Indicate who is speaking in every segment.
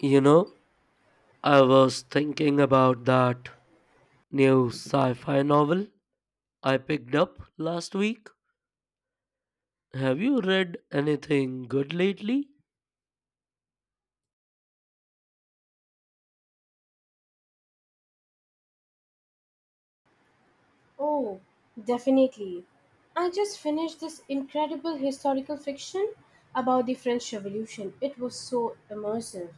Speaker 1: You know, I was thinking about that new sci fi novel I picked up last week. Have you read anything good lately?
Speaker 2: Oh, definitely. I just finished this incredible historical fiction about the French Revolution. It was so immersive.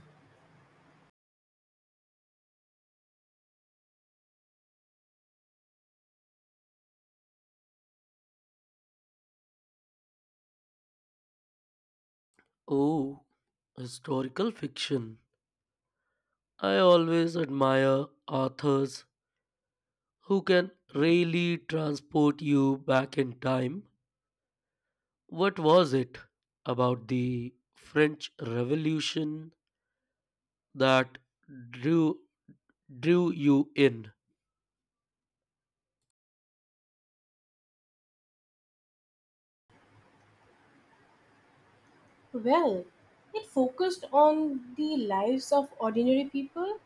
Speaker 1: Oh, historical fiction. I always admire authors who can really transport you back in time. What was it about the French Revolution that drew drew you in?
Speaker 2: Well, it focused on the lives of ordinary people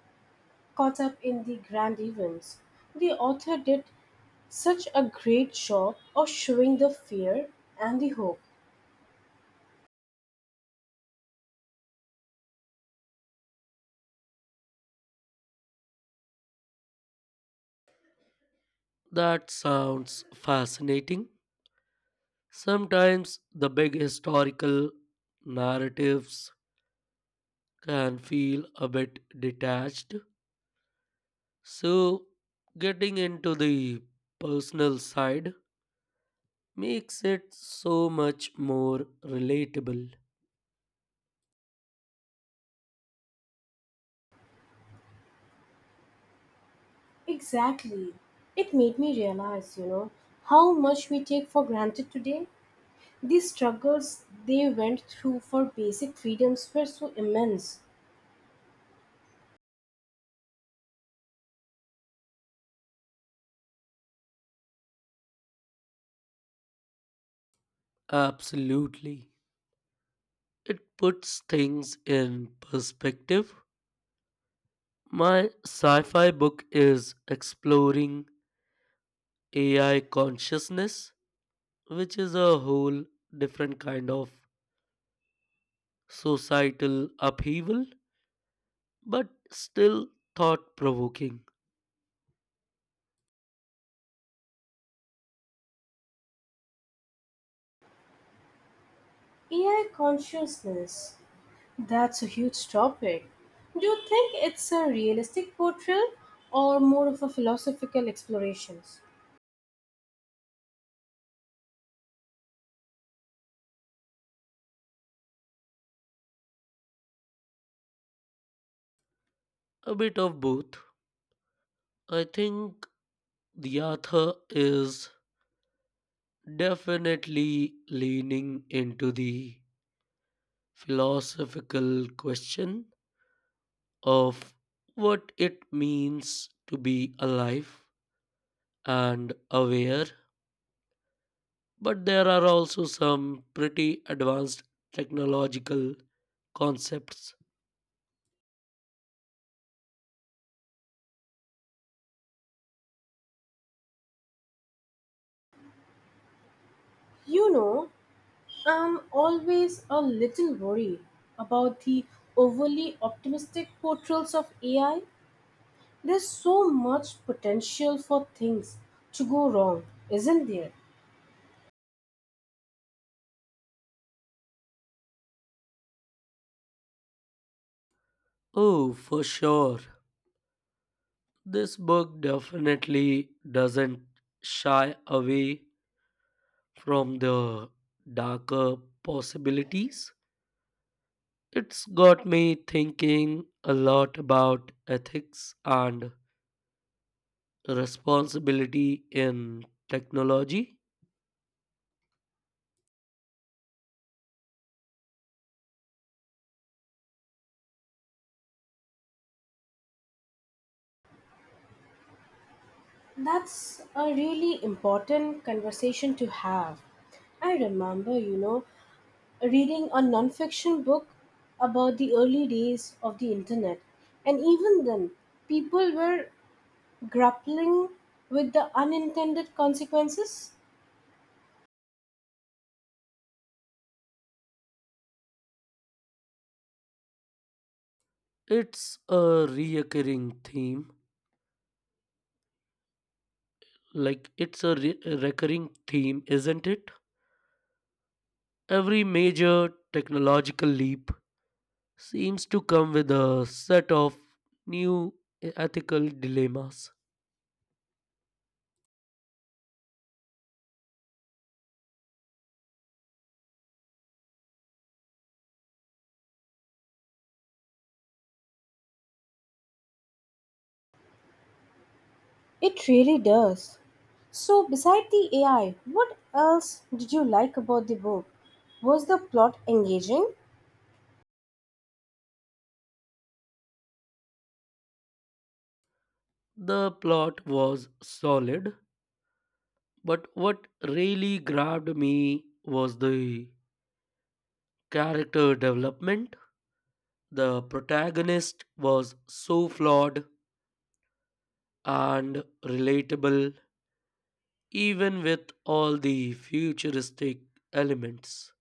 Speaker 2: caught up in the grand events. The author did such a great job of showing the fear and the hope.
Speaker 1: That sounds fascinating. Sometimes the big historical narratives can feel a bit detached, so getting into the personal side makes it so much more relatable.
Speaker 2: Exactly. It made me realize, how much we take for granted today. The struggles they went through for basic freedoms were so immense.
Speaker 1: Absolutely. It puts things in perspective. My sci fi book is exploring AI consciousness, which is a whole different kind of societal upheaval, but still thought provoking.
Speaker 2: AI consciousness, that's a huge topic. Do you think it's a realistic portrayal or more of a philosophical exploration?
Speaker 1: A bit of both. I think the author is definitely leaning into the philosophical question of what it means to be alive and aware, but there are also some pretty advanced technological concepts.
Speaker 2: You know, I'm always a little worried about the overly optimistic portrayals of AI. There's so much potential for things to go wrong, isn't there?
Speaker 1: Oh, for sure. This book definitely doesn't shy away from the darker possibilities. It's got me thinking a lot about ethics and responsibility in technology.
Speaker 2: That's a really important conversation to have. I remember, reading a nonfiction book about the early days of the internet, and even then, people were grappling with the unintended consequences.
Speaker 1: It's a recurring theme. Like, it's a recurring theme, isn't it? Every major technological leap seems to come with a set of new ethical dilemmas.
Speaker 2: It really does. So, beside the AI, what else did you like about the book? Was the plot engaging?
Speaker 1: The plot was solid, but what really grabbed me was the character development. The protagonist was so flawed and relatable, even with all the futuristic elements.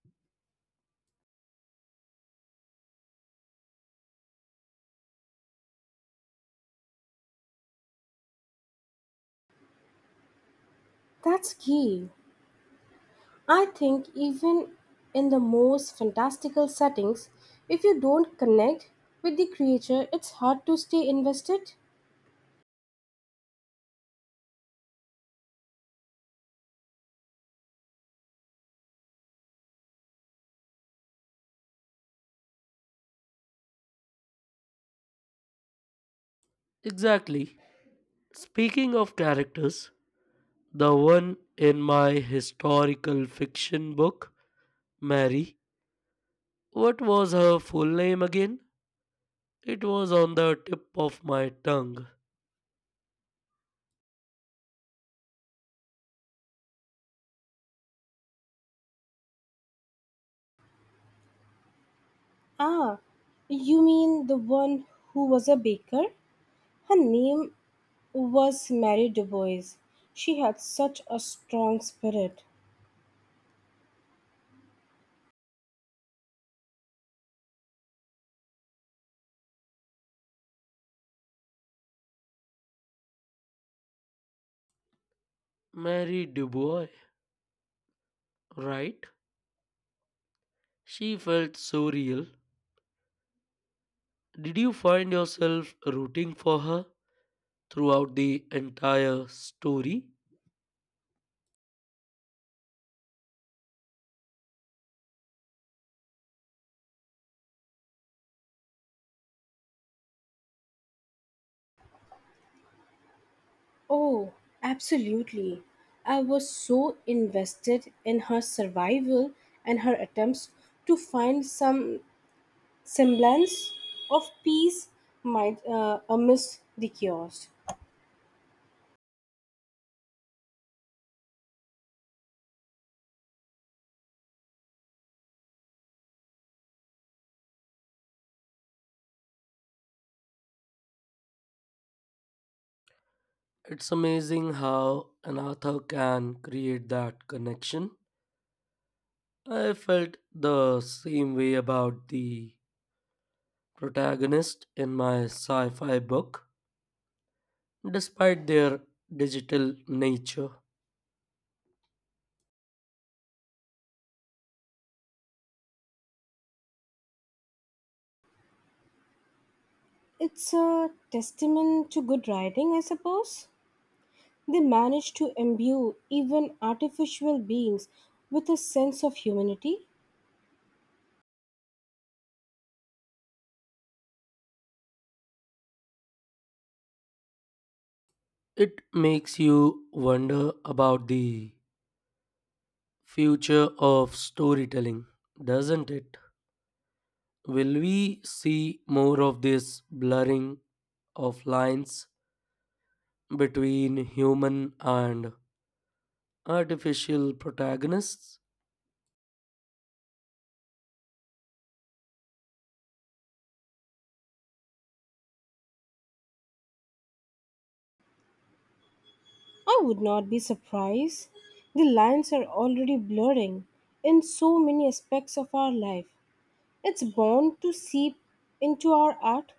Speaker 2: That's key. I think even in the most fantastical settings, if you don't connect with the creature, it's hard to stay invested.
Speaker 1: Exactly. Speaking of characters, the one in my historical fiction book, Mary, what was her full name again? It was on the tip of my tongue.
Speaker 2: Ah, you mean the one who was a baker? Her name was Mary Dubois. She had such a strong spirit.
Speaker 1: Mary Dubois, right? She felt so real. Did you find yourself rooting for her throughout the entire story?
Speaker 2: Oh, absolutely. I was so invested in her survival and her attempts to find some semblance of peace might, amidst the chaos.
Speaker 1: It's amazing how an author can create that connection. I felt the same way about the protagonist in my sci fi book, despite their digital nature.
Speaker 2: It's a testament to good writing, I suppose. They managed to imbue even artificial beings with a sense of humanity.
Speaker 1: It makes you wonder about the future of storytelling, doesn't it? Will we see more of this blurring of lines between human and artificial protagonists?
Speaker 2: I would not be surprised. The lines are already blurring in so many aspects of our life. It's bound to seep into our art.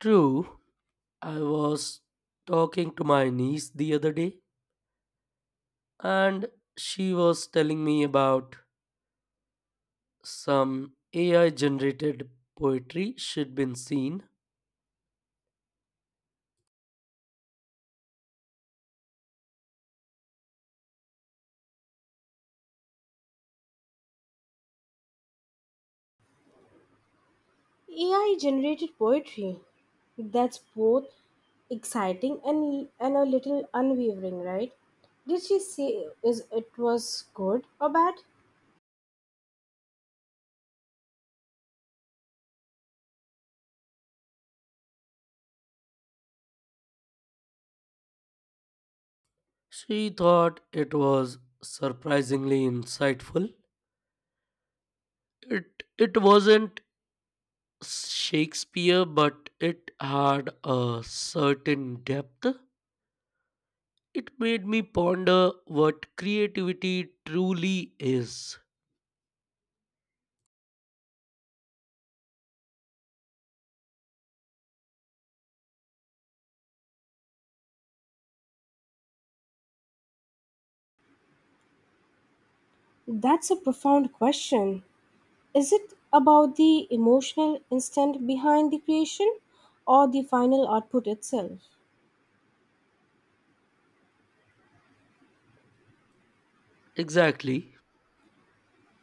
Speaker 1: True, I was talking to my niece the other day and she was telling me about some AI generated poetry she'd been seen.
Speaker 2: AI generated poetry. That's both exciting and a little unwavering, right? Did she say is it was good or bad?
Speaker 1: She thought it was surprisingly insightful. It wasn't Shakespeare, but it had a certain depth. It made me ponder what creativity truly is.
Speaker 2: That's a profound question. Is it about the emotional instant behind the creation or the final output itself?
Speaker 1: Exactly.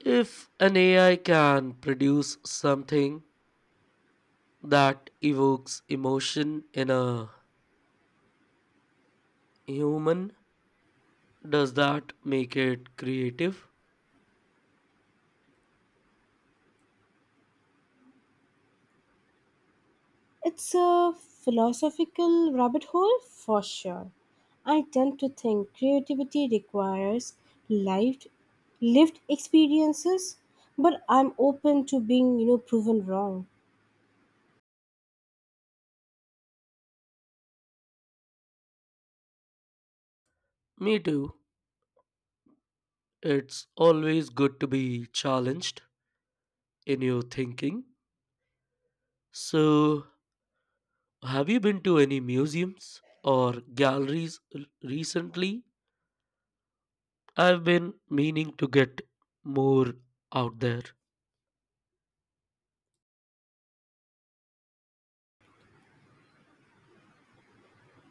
Speaker 1: If an AI can produce something that evokes emotion in a human, does that make it creative?
Speaker 2: It's a philosophical rabbit hole for sure. I tend to think creativity requires lived lived experiences, but I'm open to being, proven wrong.
Speaker 1: Me too. It's always good to be challenged in your thinking. So, have you been to any museums or galleries recently? I've been meaning to get more out there.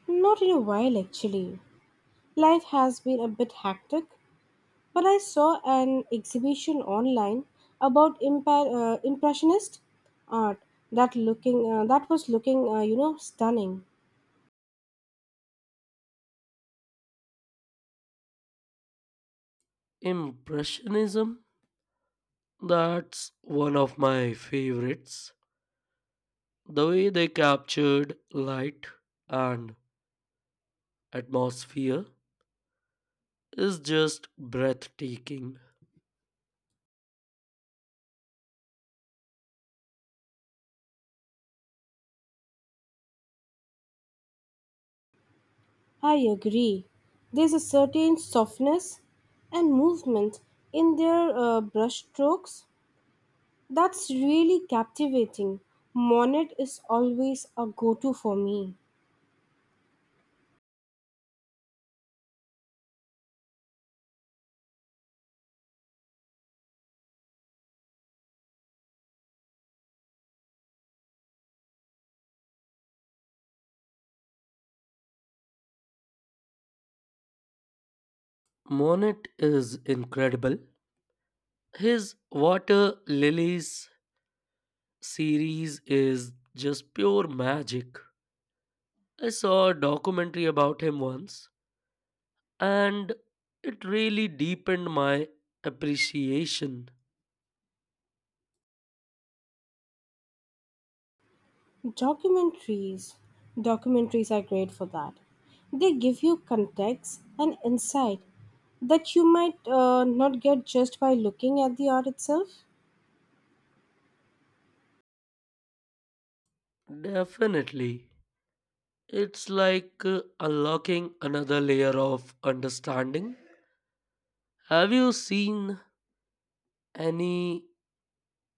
Speaker 2: Not in a while actually. Life has been a bit hectic, but I saw an exhibition online about impressionist art that looking that was looking, you know, stunning.
Speaker 1: Impressionism, that's one of my favorites. The way they captured light and atmosphere is just breathtaking.
Speaker 2: I agree. There's a certain softness and movement in their brushstrokes that's really captivating. Monet is always a go to for me.
Speaker 1: Monet is incredible. His Water Lilies series is just pure magic. I saw a documentary about him once, and it really deepened my appreciation.
Speaker 2: Documentaries. Documentaries are great for that. They give you context and insight that you might not get just by looking at the art itself.
Speaker 1: Definitely. It's like unlocking another layer of understanding. Have you seen any